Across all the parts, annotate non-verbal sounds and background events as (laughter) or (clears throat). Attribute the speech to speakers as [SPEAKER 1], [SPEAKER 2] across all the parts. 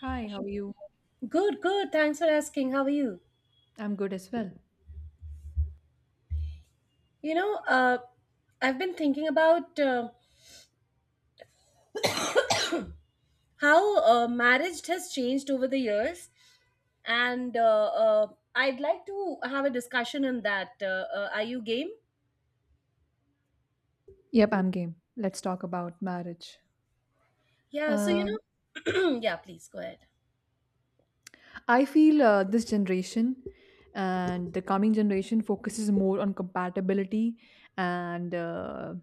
[SPEAKER 1] Hi, how are you?
[SPEAKER 2] Good, good. Thanks for asking. How are you?
[SPEAKER 1] I'm good as well.
[SPEAKER 2] You know, uh, I've been thinking about how marriage has changed over the years, and I'd like to have a discussion on that. Are you game?
[SPEAKER 1] Yep, I'm game. Let's talk about marriage. Um,
[SPEAKER 2] (clears throat) Yeah, please go ahead.
[SPEAKER 1] I feel this generation and the coming generation focuses more on compatibility and uh,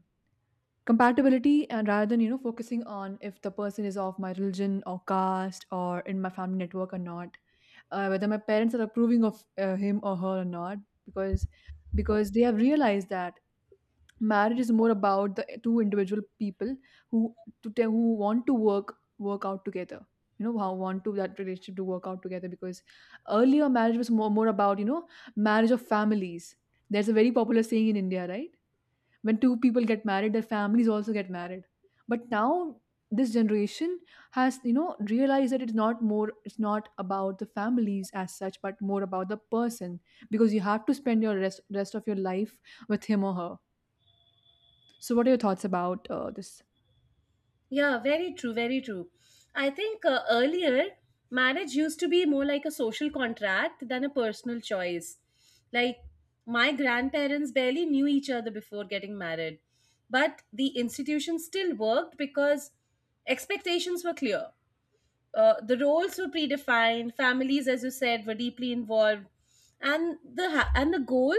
[SPEAKER 1] and rather than focusing on if the person is of my religion or caste or in my family network or not, whether my parents are approving of him or her or not, because because they have realized that marriage is more about the two individual people who to tell who want to work out together how want to that relationship to work out together because earlier marriage was more about marriage of families. There's a very popular saying in India, right? When two people get married, their families also get married. But now this generation has realized that it's not about the families as such, but more about the person, because you have to spend your rest of your life with him or her. So, what are your thoughts about this?
[SPEAKER 2] Yeah, very true, very true. I think earlier, marriage used to be more like a social contract than a personal choice. Like, my grandparents barely knew each other before getting married, but the institution still worked because expectations were clear, the roles were predefined, families, as you said, were deeply involved, and the goal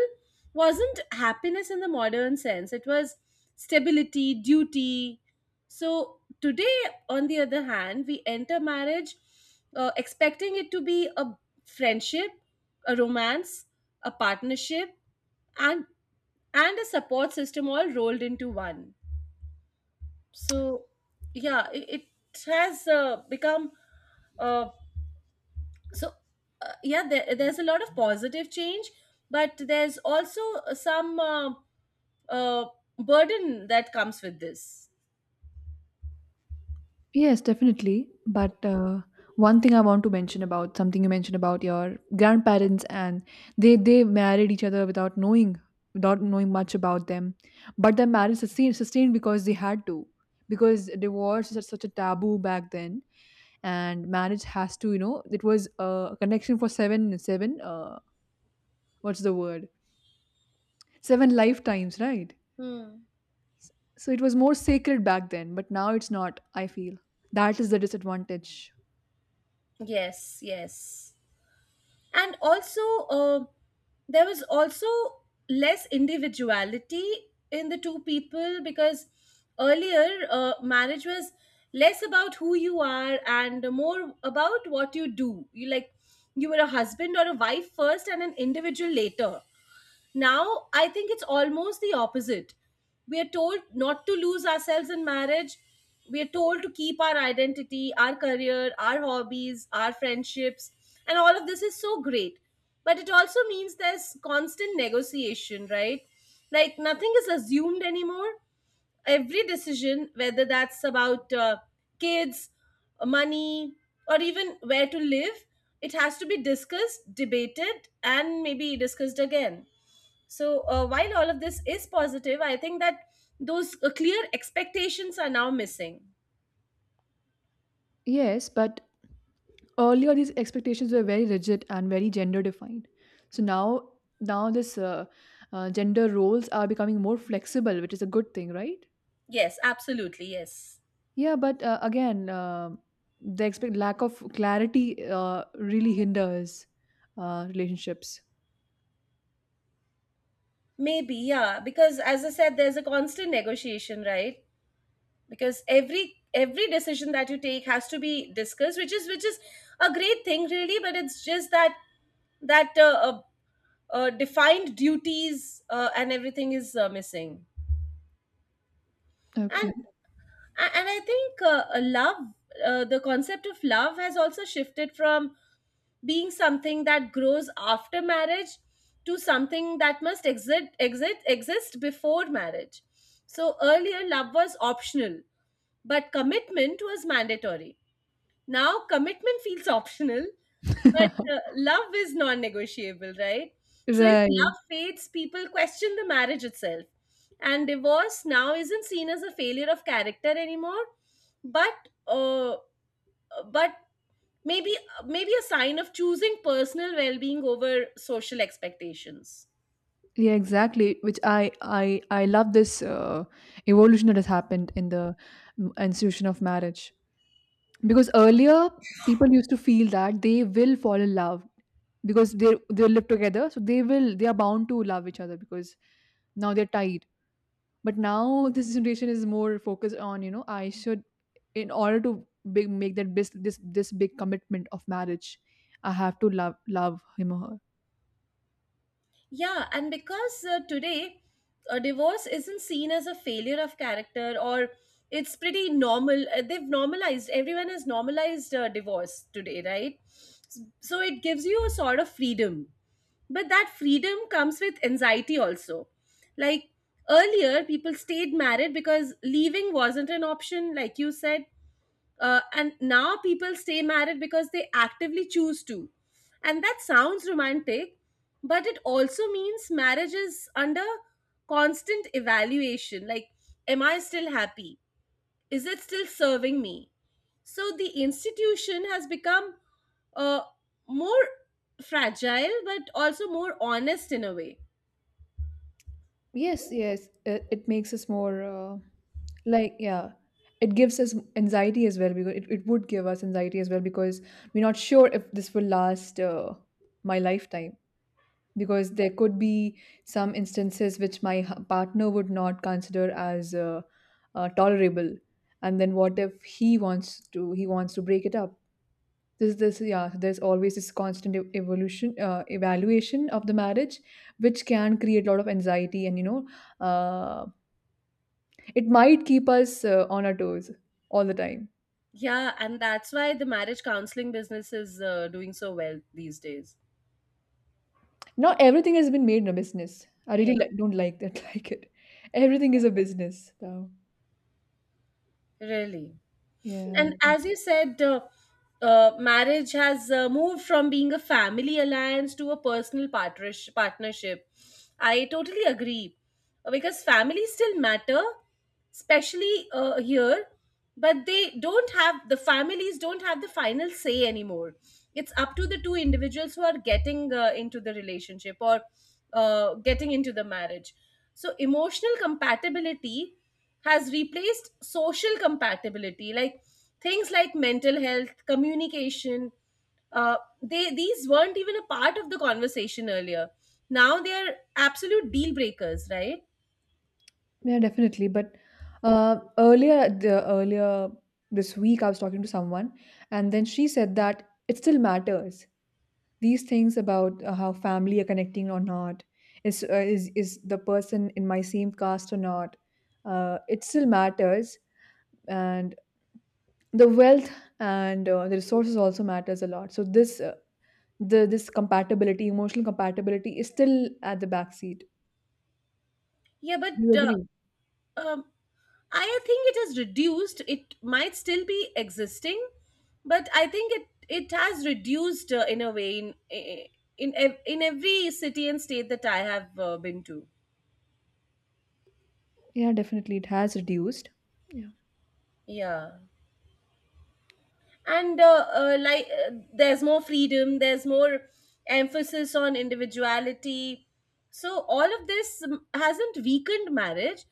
[SPEAKER 2] wasn't happiness in the modern sense, it was stability, duty. So today, on the other hand, we enter marriage expecting it to be a friendship, a romance, a partnership, and a support system all rolled into one. So, yeah, it has become uh, so yeah, there's a lot of positive change, but there's also some uh, burden that comes with this.
[SPEAKER 1] Yes, definitely. But one thing I want to mention about something you mentioned about your grandparents, and they married each other without knowing much about them, but their marriage sustained because they had to, because divorce is such a taboo back then. And marriage has to, it was a connection for seven what's the word — seven lifetimes, right?
[SPEAKER 2] Hmm.
[SPEAKER 1] So it was more sacred back then, but now it's not, I feel. That is the disadvantage.
[SPEAKER 2] Yes, yes, and also uh, there was also less individuality in the two people, because earlier marriage was less about who you are and more about what you do. You like, you were a husband or a wife first and an individual later. Now, I think it's almost the opposite. We are told not to lose ourselves in marriage. We are told to keep our identity, our career, our hobbies, our friendships, and all of this is so great. But it also means there's constant negotiation, right? Like nothing is assumed anymore. Every decision, whether that's about kids, money, or even where to live, it has to be discussed, debated, and maybe discussed again. So, while all of this is positive, I think that those clear expectations are now missing.
[SPEAKER 1] Yes, but earlier these expectations were very rigid and very gender defined. So now this gender roles are becoming more flexible, which is a good thing, right?
[SPEAKER 2] Yes, absolutely. Yes.
[SPEAKER 1] Yeah, but again, the expect lack of clarity really hinders relationships.
[SPEAKER 2] Maybe, yeah, because as I said, there's a constant negotiation, right? Because every decision that you take has to be discussed, which is a great thing really, but it's just that that uh, uh, defined duties and everything is missing.
[SPEAKER 1] Okay.
[SPEAKER 2] And I think love, the concept of love, has also shifted from being something that grows after marriage to something that must exist before marriage. So earlier love was optional, but commitment was mandatory. Now, commitment feels optional, but
[SPEAKER 1] (laughs)
[SPEAKER 2] love is non negotiable, right? So, if love
[SPEAKER 1] Right.
[SPEAKER 2] fades, people question the marriage itself. And divorce now isn't seen as a failure of character anymore, but but maybe a sign of choosing personal well-being over social expectations.
[SPEAKER 1] Yeah, exactly. Which I love this evolution that has happened in the institution of marriage, because earlier people used to feel that they will fall in love because they live together, so they are bound to love each other because now they're tied. But now this generation is more focused on you know I should in order to make that this big commitment of marriage, I have to love him or her.
[SPEAKER 2] Yeah, and because today a divorce isn't seen as a failure of character, or it's pretty normal. They've normalized, everyone has normalized divorce today, right? So it gives you a sort of freedom. But that freedom comes with anxiety also. Like earlier, people stayed married because leaving wasn't an option, like you said, and now people stay married because they actively choose to, and that sounds romantic, but it also means marriage is under constant evaluation. Like, am I still happy? Is it still serving me? So the institution has become uh, more fragile but also more honest in a way.
[SPEAKER 1] Yes, yes, it makes us more like, yeah, it gives us anxiety as well, because it would give us anxiety as well, because we're not sure if this will last my lifetime. Because there could be some instances which my partner would not consider as tolerable, and then what if he wants to break it up? This, yeah, there's always this constant evaluation of the marriage, which can create a lot of anxiety, and uh, it might keep us on our toes all the time.
[SPEAKER 2] Yeah, and that's why the marriage counseling business is doing so well these days.
[SPEAKER 1] Now everything has been made in a business. I
[SPEAKER 2] Yeah,
[SPEAKER 1] really don't like that, (laughs) like it. Everything is a business now.
[SPEAKER 2] really.
[SPEAKER 1] Yeah,
[SPEAKER 2] And as you said, marriage has moved from being a family alliance to a personal partnership. I totally agree. Because families still matter, especially here, but they don't have, the families don't have, the final say anymore. It's up to the two individuals who are getting into the relationship or getting into the marriage. So emotional compatibility has replaced social compatibility. Like, things like mental health, communication, uh, they these weren't even a part of the conversation earlier. Now they are absolute deal breakers, right?
[SPEAKER 1] yeah, definitely. But earlier, the earlier this week, I was talking to someone, and then she said that it still matters, these things about how family are connecting or not, is the person in my same caste or not, it still matters. And the wealth, and the resources, also matters a lot. So this the this compatibility, emotional compatibility, is still at the back seat.
[SPEAKER 2] Yeah, but
[SPEAKER 1] You agree?
[SPEAKER 2] um, I think it has reduced, it might still be existing, but I think it, it has reduced in a way, in in every city and state that I have been to.
[SPEAKER 1] Yeah, definitely it has reduced. Yeah.
[SPEAKER 2] Yeah, and there's more freedom, there's more emphasis on individuality, so all of this hasn't weakened marriage,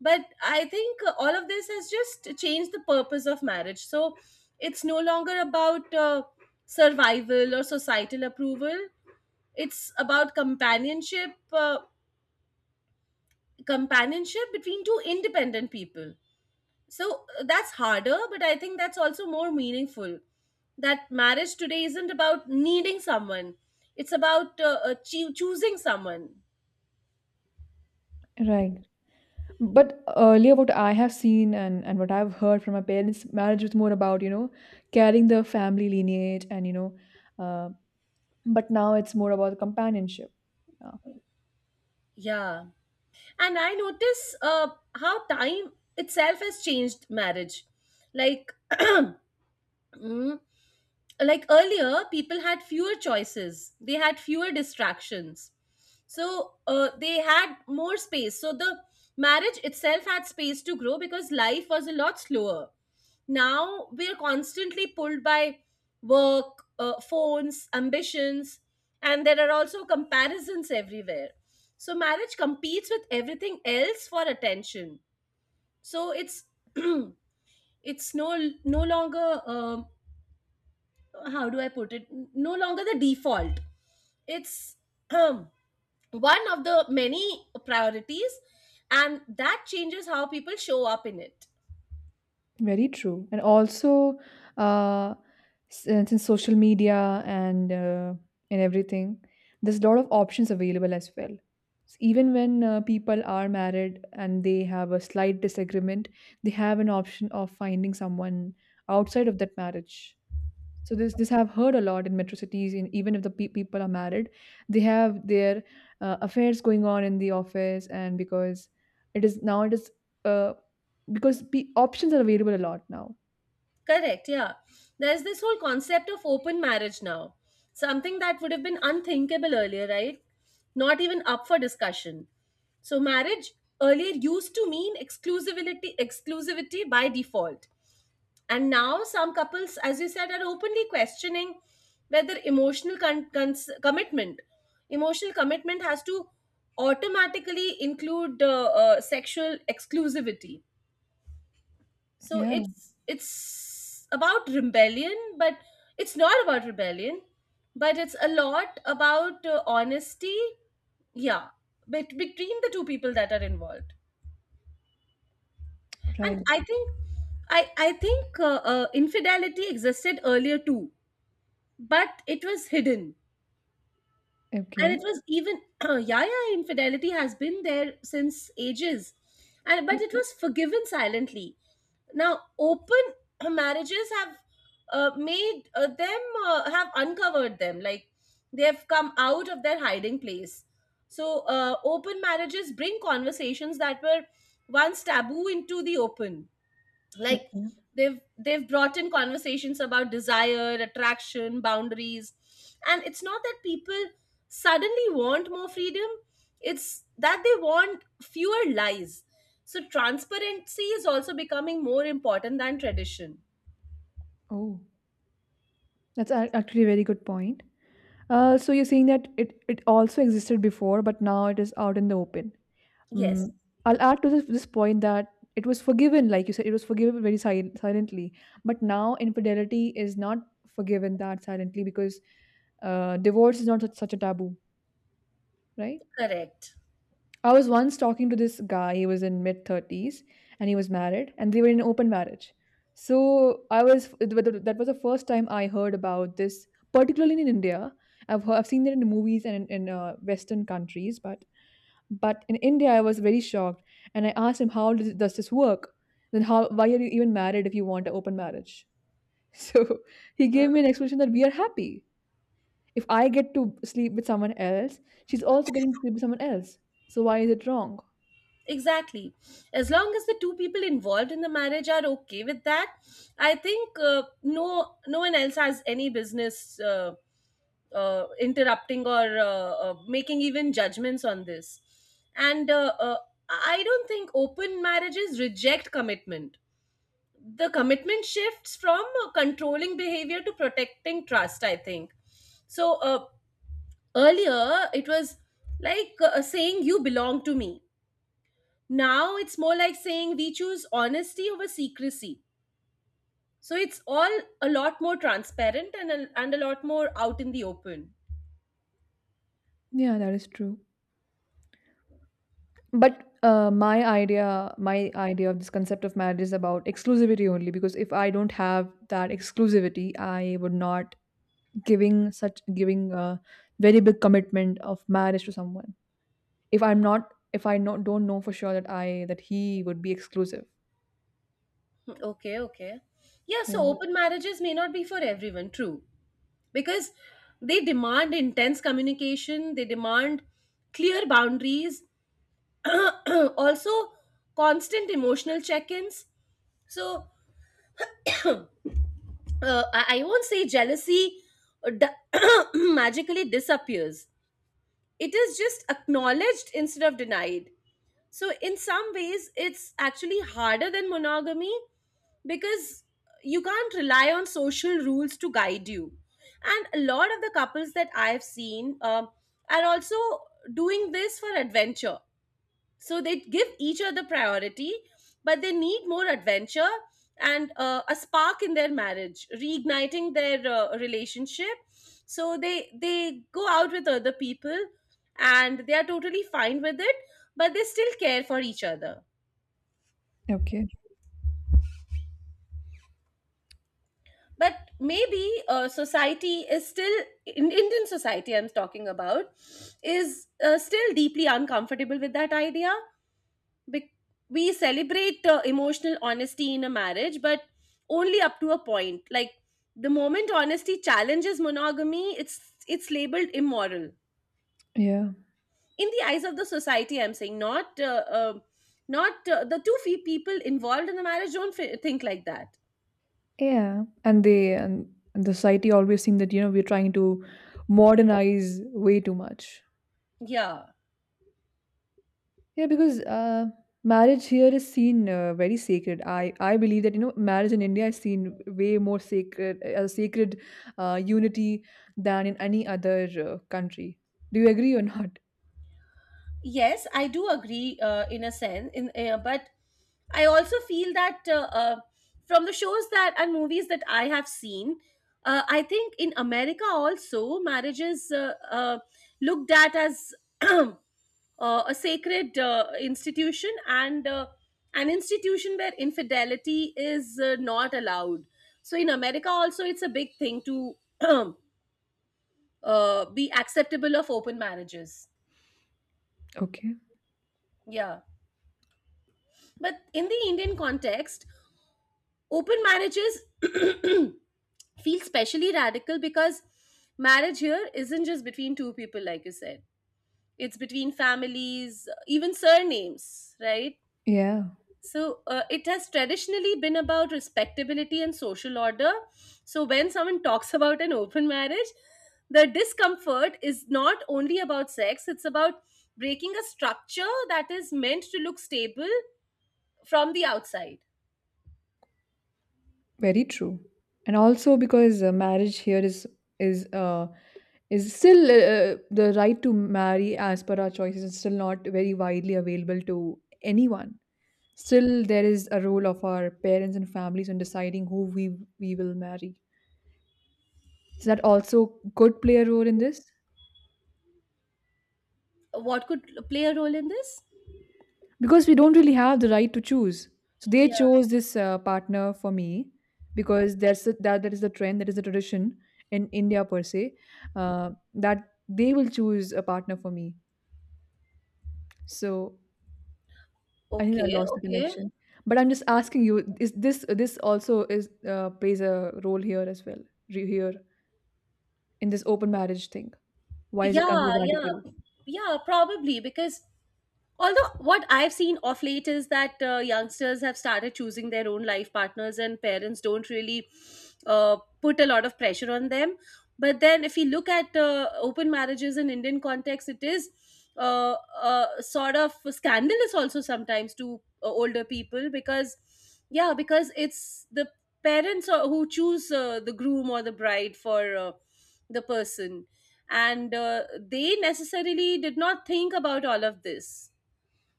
[SPEAKER 2] but I think all of this has just changed the purpose of marriage. So it's no longer about survival or societal approval, it's about companionship, companionship between two independent people. So that's harder, but I think that's also more meaningful. That marriage today isn't about needing someone, it's about choosing someone.
[SPEAKER 1] Right. But earlier, what I have seen, and what I've heard from my parents, marriage was more about, carrying the family lineage, and, but now it's more about companionship. Yeah.
[SPEAKER 2] Yeah, and I notice how time itself has changed marriage. Like (clears throat) mm, like earlier people had fewer choices, they had fewer distractions, so they had more space, so the marriage itself had space to grow because life was a lot slower. Now we're constantly pulled by work, phones, ambitions, and there are also comparisons everywhere. So marriage competes with everything else for attention. So it's (clears throat) it's no no longer how do I put it? No longer the default. It's um, one of the many priorities, and that changes how people show up in it.
[SPEAKER 1] Very true. And also, uh, since social media, and and everything, there's a lot of options available as well. So even when people are married and they have a slight disagreement, they have an option of finding someone outside of that marriage. So this I've heard a lot in metro cities. Even if the people are married, they have their affairs going on in the office, and because it is now it is uh, because pe options are available a lot now.
[SPEAKER 2] Correct, yeah. There's this whole concept of open marriage now, something that would have been unthinkable earlier, right? Not even up for discussion. So marriage earlier used to mean exclusivity by default. And now, some couples, as you said, are openly questioning whether emotional commitment, has to automatically include sexual exclusivity. So
[SPEAKER 1] Yeah.
[SPEAKER 2] it's about rebellion, but it's not about rebellion, but it's a lot about honesty. Yeah, between the two people that are involved, and
[SPEAKER 1] Right.
[SPEAKER 2] I think I think infidelity existed earlier too, but it was hidden, and it
[SPEAKER 1] Okay.
[SPEAKER 2] was even (clears throat) yaya infidelity has been there since ages, and but it was forgiven silently. Now open (clears throat) marriages have made them have uncovered them, like they have come out of their hiding place. So open marriages bring conversations that were once taboo into the open. Like,
[SPEAKER 1] Okay.
[SPEAKER 2] they've brought in conversations about desire, attraction, boundaries, and it's not that people suddenly want more freedom, it's that they want fewer lies. So transparency is also becoming more important than tradition.
[SPEAKER 1] Oh, that's actually a very good point. So you're saying that it also existed before, but now it is out in the open.
[SPEAKER 2] Yes.
[SPEAKER 1] Mm, I'll add to this point that it was forgiven, like you said, it was forgiven very silently. But now infidelity is not forgiven that silently, because divorce is not such a taboo, right?
[SPEAKER 2] Correct.
[SPEAKER 1] I was once talking to this guy, he was in mid 30s, and he was married, and they were in open marriage. So I was, that was the first time I heard about this, particularly in India. I've seen it in movies and in Western countries, but in India, I was very shocked, and I asked him, "How does this work? Then how? Why are you even married if you want an open marriage?" (laughs) So he gave me an explanation that we are happy. If I get to sleep with someone else, she's also getting to sleep with someone else. So why is it wrong?
[SPEAKER 2] Exactly. As long as the two people involved in the marriage are okay with that, I think no, no one else has any business interrupting or making even judgments on this. And I don't think open marriages reject commitment. The commitment shifts from controlling behavior to protecting trust, I think. So earlier, it was like saying, "You belong to me." Now it's more like saying, "We choose honesty over secrecy." So it's all a lot more transparent, and a lot more out in the open.
[SPEAKER 1] Yeah, that is true. But my idea of this concept of marriage is about exclusivity only. Because if I don't have that exclusivity, I would not giving, such giving a very big commitment of marriage to someone, if I not, don't know for sure that I that he would be exclusive.
[SPEAKER 2] Okay, okay. Yeah, so
[SPEAKER 1] Yeah.
[SPEAKER 2] open marriages may not be for everyone, true. Because they demand intense communication, they demand clear boundaries, (clears throat) also constant emotional check ins. So I won't say jealousy uh, d- (clears throat) magically disappears, it is just acknowledged instead of denied. So in some ways it's actually harder than monogamy, because you can't rely on social rules to guide you. And a lot of the couples that I've seen are also doing this for adventure. So they give each other priority, but they need more adventure and a spark in their marriage, reigniting their relationship. So they go out with other people and they are totally fine with it, but they still care for each other.
[SPEAKER 1] Okay.
[SPEAKER 2] But maybe society is still, in Indian society I'm talking about, is still deeply uncomfortable with that idea. Bec- we celebrate emotional honesty in a marriage, but only up to a point. Like, the moment honesty challenges monogamy, it's labeled immoral
[SPEAKER 1] Yeah,
[SPEAKER 2] in the eyes of the society. I'm saying, not the two fee people involved in the marriage don't think like that.
[SPEAKER 1] yeah. And the society always seem that we're trying to modernize way too much.
[SPEAKER 2] Yeah.
[SPEAKER 1] Yeah, because marriage here is seen very sacred. I believe that marriage in India is seen way more sacred, a sacred unity than in any other country. Do you agree or (laughs) not?
[SPEAKER 2] Yes, I do agree, in a sense, in but I also feel that from the shows that and movies that I have seen, I think in America also marriages looked at as (clears throat) uh, a sacred institution, and an institution where infidelity is not allowed. So in America also it's a big thing to (clears throat) be acceptable of open marriages.
[SPEAKER 1] Okay.
[SPEAKER 2] Yeah. But in the Indian context, open marriages (clears throat) feel specially radical because marriage here isn't just between two people, like you said, it's between families, even surnames, right?
[SPEAKER 1] Yeah.
[SPEAKER 2] So it has traditionally been about respectability and social order. So when someone (laughs) talks about an open marriage, the discomfort is not only about sex, it's about breaking a structure that is meant to look stable from the outside.
[SPEAKER 1] Very true. And also, because marriage here is uh, is still the right to marry as per our choices is still not very widely available to anyone. Still, there is a role of our parents and families in deciding who we will marry. Does that also could play a role in this?
[SPEAKER 2] What could play a role in this?
[SPEAKER 1] Because we don't really have the right to choose. So they
[SPEAKER 2] Yeah.
[SPEAKER 1] chose this partner for me, because that is the trend, that is the tradition in India per se, that they will choose a partner for me. So I think I
[SPEAKER 2] Okay,
[SPEAKER 1] lost the
[SPEAKER 2] okay.
[SPEAKER 1] connection. But I'm just asking you: is this also is plays a role here as well, here in this open marriage thing? Why is it considered
[SPEAKER 2] Yeah, yeah,
[SPEAKER 1] radical?
[SPEAKER 2] yeah, probably because although what I've seen of late is that youngsters have started choosing their own life partners, and parents don't really put a lot of pressure on them. But then, if you look at open marriages in Indian context, it is uh, sort of scandalous also sometimes to older people because, yeah, because it's the parents who choose the groom or the bride for the person, and they necessarily did not think about all of this.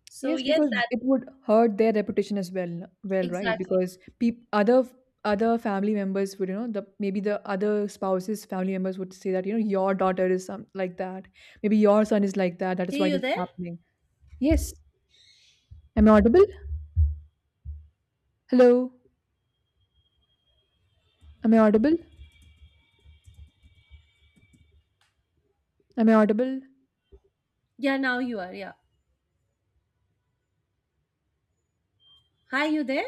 [SPEAKER 2] So
[SPEAKER 1] Yes,
[SPEAKER 2] yes,
[SPEAKER 1] because
[SPEAKER 2] that
[SPEAKER 1] it would hurt their reputation as well, right?
[SPEAKER 2] exactly.
[SPEAKER 1] Because peop other family members would, you know, the maybe the other spouse's family members would say that, you know, your daughter is some like that. Maybe your son is like that. That is
[SPEAKER 2] Hey,
[SPEAKER 1] why
[SPEAKER 2] you
[SPEAKER 1] this is
[SPEAKER 2] there?
[SPEAKER 1] happening. Yes. Am I audible? Hello. Am I audible? Am I audible?
[SPEAKER 2] Yeah, now you are. Yeah. Hi, you there?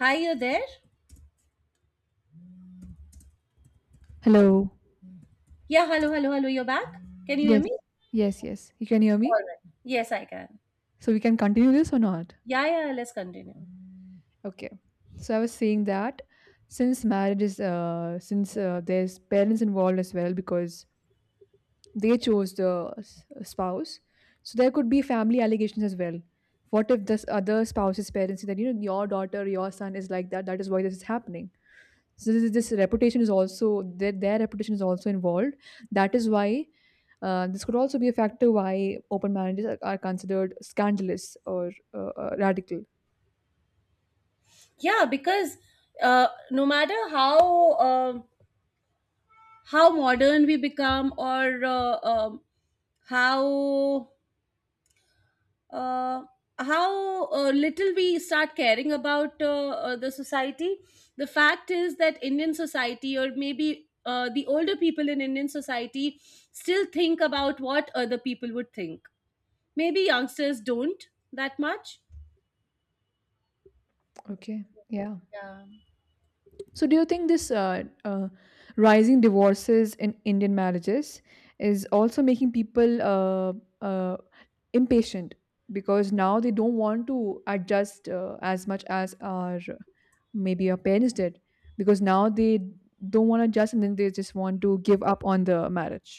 [SPEAKER 2] Hi, you there?
[SPEAKER 1] Hello.
[SPEAKER 2] Yeah, hello, hello, hello. You're back. Can you hear
[SPEAKER 1] Yes.
[SPEAKER 2] me?
[SPEAKER 1] Yes, yes. You can hear
[SPEAKER 2] All
[SPEAKER 1] me?
[SPEAKER 2] right. Yes, I can.
[SPEAKER 1] So we can continue this or not?
[SPEAKER 2] Yeah, yeah. Let's continue.
[SPEAKER 1] Okay. So I was saying that since marriage is, since there's parents involved as well, because they chose the spouse, so there could be family allegations as well. What if this other spouse's parents say that, your daughter, your son is like that? That is why this is happening. So this reputation is also their reputation is also involved. That is why this could also be a factor why open marriages are considered scandalous or radical.
[SPEAKER 2] Yeah, because no matter how how modern we become or how uh, little we start caring about the society. The fact is that Indian society, or maybe the older people in Indian society, still think about what other people would think. Maybe youngsters don't that much.
[SPEAKER 1] Okay. Yeah. So do you think this rising divorces in Indian marriages is also making people uh, impatient, because now they don't want to adjust as much as our maybe our parents did, because now they don't want to adjust and then they just want to give up on the marriage,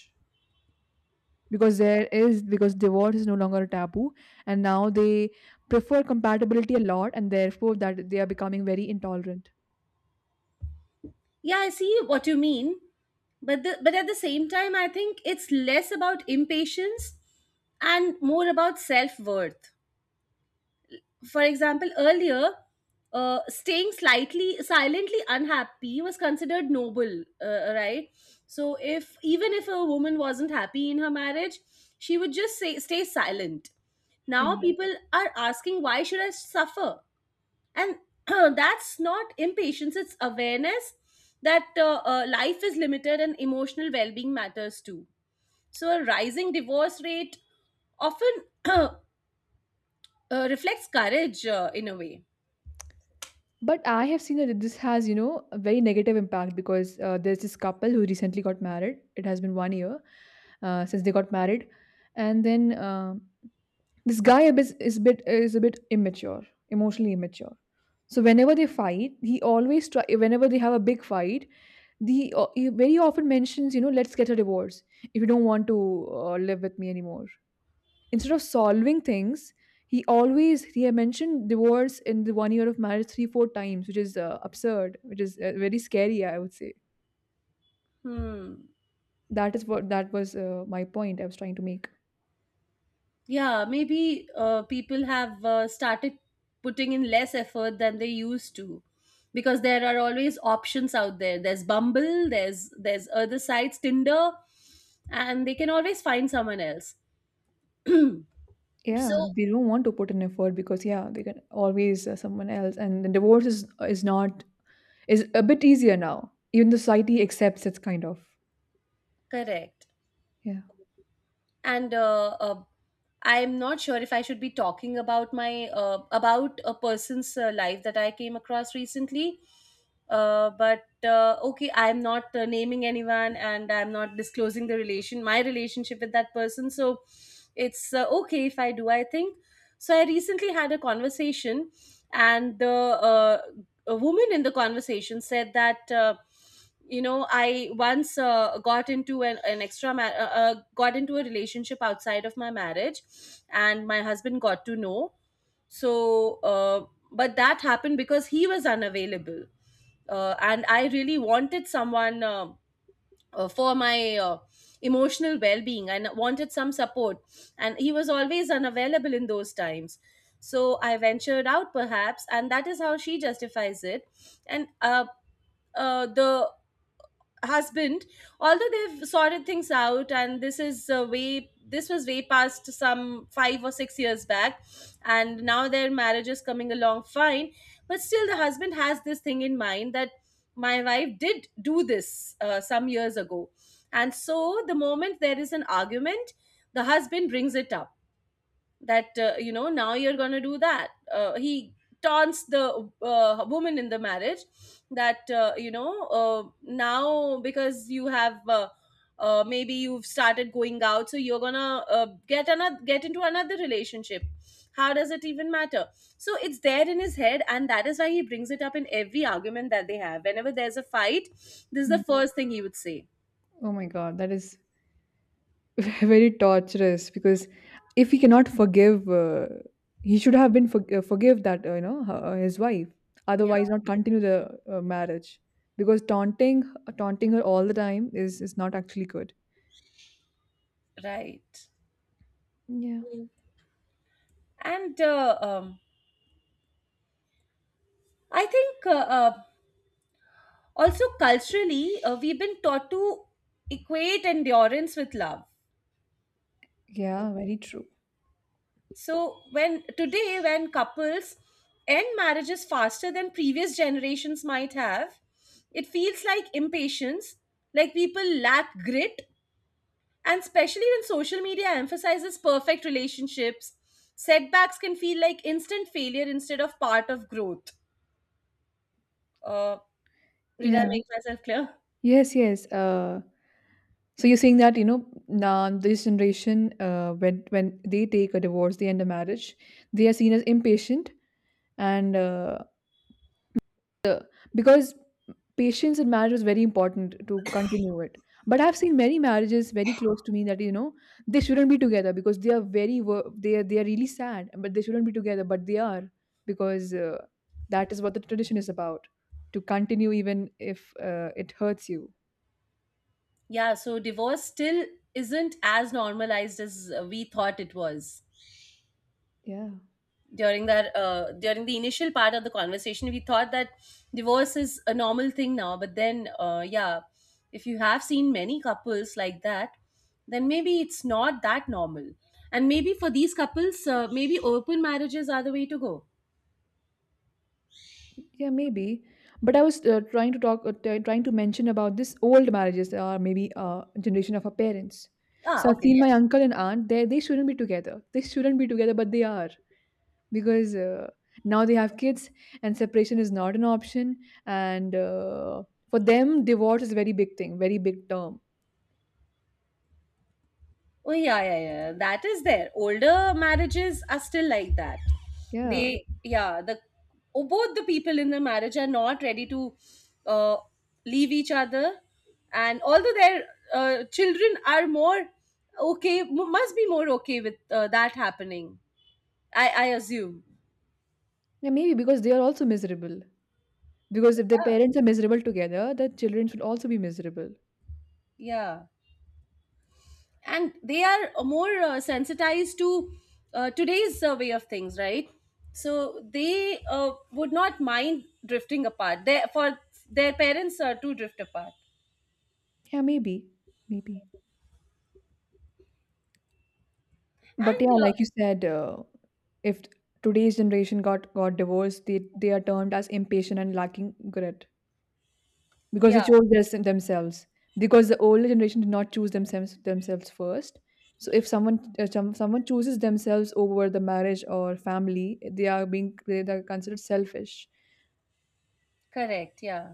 [SPEAKER 1] because there is because divorce is no longer a taboo, and now they prefer compatibility a lot, and therefore that they are becoming very intolerant?
[SPEAKER 2] Yeah, I see what you mean, but at the same time, I think it's less about impatience and more about self worth. For example, earlier, staying slightly silently unhappy was considered noble, right? So, if even if a woman wasn't happy in her marriage, she would just say stay silent. Now
[SPEAKER 1] Yeah.
[SPEAKER 2] people are asking, why should I suffer? And (clears throat) that's not impatience; it's awareness that life is limited and emotional well-being matters too. So, a rising divorce rate often (clears throat) uh, reflects courage in a way.
[SPEAKER 1] But I have seen that this has, a very negative impact, because there's this couple who recently got married. It has been one year since they got married, and then this guy a bit- is a bit is a bit immature, emotionally immature. So whenever they fight, he always try. Whenever they have a big fight, the he very often mentions, let's get a divorce if you don't want to live with me anymore, instead of solving things. He always he had mentioned divorce in the one year of marriage three four times, which is absurd, which is very scary, I would say.
[SPEAKER 2] Hmm.
[SPEAKER 1] That is what That was my point I was trying to make.
[SPEAKER 2] Yeah, maybe people have started putting in less effort than they used to because there are always options out there. There's Bumble, there's other sites, Tinder, and they can always find someone else. (clears throat) So.
[SPEAKER 1] Yeah, they don't want to put in effort, because yeah, they can always someone else, and the divorce is not is a bit easier now. Even the society accepts, it's kind of —
[SPEAKER 2] Correct.
[SPEAKER 1] yeah.
[SPEAKER 2] And I'm not sure if I should be talking about my about a person's life that I came across recently. But okay, I'm not naming anyone and I'm not disclosing the relation my relationship with that person, so it's okay if I do, I think. So I recently had a conversation and the uh, a woman in the conversation said that you know, I once got into an extra ma- got into a relationship outside of my marriage and my husband got to know. So but that happened because he was unavailable, and I really wanted someone for my emotional well-being and wanted some support, and he was always unavailable in those times, so I ventured out perhaps, and that is how she justifies it. And the husband, although they've sorted things out, and this was way past some 5 or 6 years back and now their marriage is coming along fine, but still the husband has this thing in mind that my wife did do this some years ago. And so the moment there is an argument, the husband brings it up that you know, now you're going to do that. He taunts the woman in the marriage that you know, now because you have maybe you've started going out, so you're going to get into another relationship. How does it even matter? So it's there in his head, and that is why he brings it up in every argument that they have. Whenever there's a fight, this is the
[SPEAKER 1] Hmm.
[SPEAKER 2] first thing he would say.
[SPEAKER 1] Oh my god, that is (laughs) very torturous, because if he cannot forgive, he should have been forgive that, his wife,
[SPEAKER 2] Yeah.
[SPEAKER 1] otherwise not continue the marriage, because taunting her all the time is not actually good.
[SPEAKER 2] Right.
[SPEAKER 1] Yeah.
[SPEAKER 2] And I think uh, also culturally we've been taught to equate endurance with love.
[SPEAKER 1] Yeah, very true.
[SPEAKER 2] So when today when couples end marriages faster than previous generations might have, it feels like impatience, like people lack grit. And especially when social media emphasizes perfect relationships, setbacks can feel like instant failure instead of part of growth. uh, did I
[SPEAKER 1] Yeah.
[SPEAKER 2] make myself clear?
[SPEAKER 1] Yes, yes. So you're saying that, you know, now this generation, when they take a divorce, they end a marriage, they are seen as impatient, and because Patience in marriage was very important to continue it. But I've seen many marriages very close to me that, they shouldn't be together, because they are very they are really sad. But they shouldn't be together, but they are, because that is what the tradition is about, to continue even if it hurts you.
[SPEAKER 2] Yeah, so divorce still isn't as normalized as we thought it was.
[SPEAKER 1] Yeah.
[SPEAKER 2] During that, during the initial part of the conversation, we thought that divorce is a normal thing now. But then, yeah, if you have seen many couples like that, then maybe it's not that normal. And maybe for these couples, maybe open marriages are the way to go.
[SPEAKER 1] Yeah, maybe. But I was trying to talk, trying to mention about this old marriages, or maybe generation of our parents.
[SPEAKER 2] Ah,
[SPEAKER 1] So I've
[SPEAKER 2] okay.
[SPEAKER 1] seen my uncle and aunt. They shouldn't be together. They shouldn't be together, but they are, because now they have kids and separation is not an option. And for them, divorce is a very big thing, very big term.
[SPEAKER 2] Oh yeah, yeah, yeah. That is there. Older marriages are still like that.
[SPEAKER 1] Yeah.
[SPEAKER 2] They, yeah, the oh, both the people in the marriage are not ready to uh, leave each other, and although their children are more okay, must be more okay with that happening. I assume.
[SPEAKER 1] Yeah, maybe, because they are also miserable. Because if their
[SPEAKER 2] Yeah,
[SPEAKER 1] parents are miserable together, the children should also be miserable.
[SPEAKER 2] yeah. And they are more sensitized to today's way of things, right? So they would not mind drifting apart, for their parents to drift apart.
[SPEAKER 1] Yeah, maybe. Maybe. But
[SPEAKER 2] And
[SPEAKER 1] yeah, like you said, if today's generation got divorced, they are termed as impatient and lacking grit, because they
[SPEAKER 2] yeah.
[SPEAKER 1] chose this in themselves, because the older generation did not choose themselves first. So if someone, someone chooses themselves over the marriage or family, they are considered selfish.
[SPEAKER 2] Correct, yeah.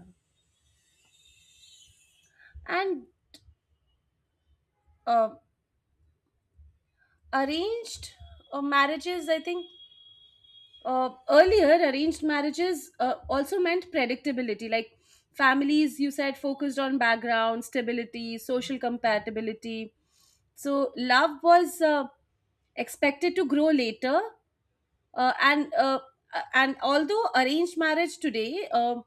[SPEAKER 2] And uh, arranged marriages, I think earlier arranged marriages also meant predictability, like families, you said, focused on background stability, social compatibility. So love was expected to grow later, and and although arranged marriage today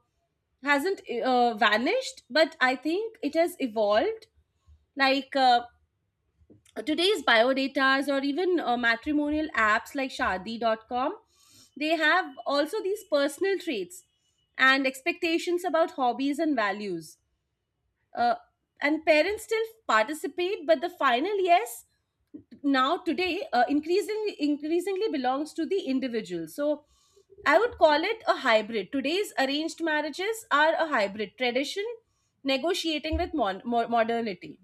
[SPEAKER 2] hasn't vanished, but I think it has evolved, like today's biodatas or even matrimonial apps like shadi.com, they have also these personal traits and expectations about hobbies and values. uh, and parents still participate, but the final yes now today increasingly belongs to the individual. So I would call it a hybrid. Today's arranged marriages are a hybrid tradition, negotiating with modernity.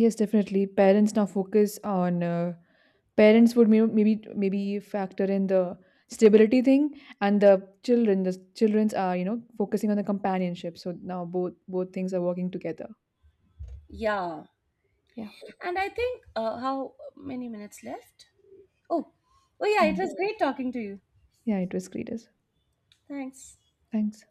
[SPEAKER 1] Yes, definitely parents now focus on parents would maybe factor in the stability thing, and the children's are focusing on the companionship. So now both things are working together.
[SPEAKER 2] Yeah.
[SPEAKER 1] Yeah.
[SPEAKER 2] And I think, how many minutes left? Oh. Oh yeah,
[SPEAKER 1] Yeah,
[SPEAKER 2] it was great talking to you.
[SPEAKER 1] yeah, it was great as well.
[SPEAKER 2] Thanks.
[SPEAKER 1] Thanks.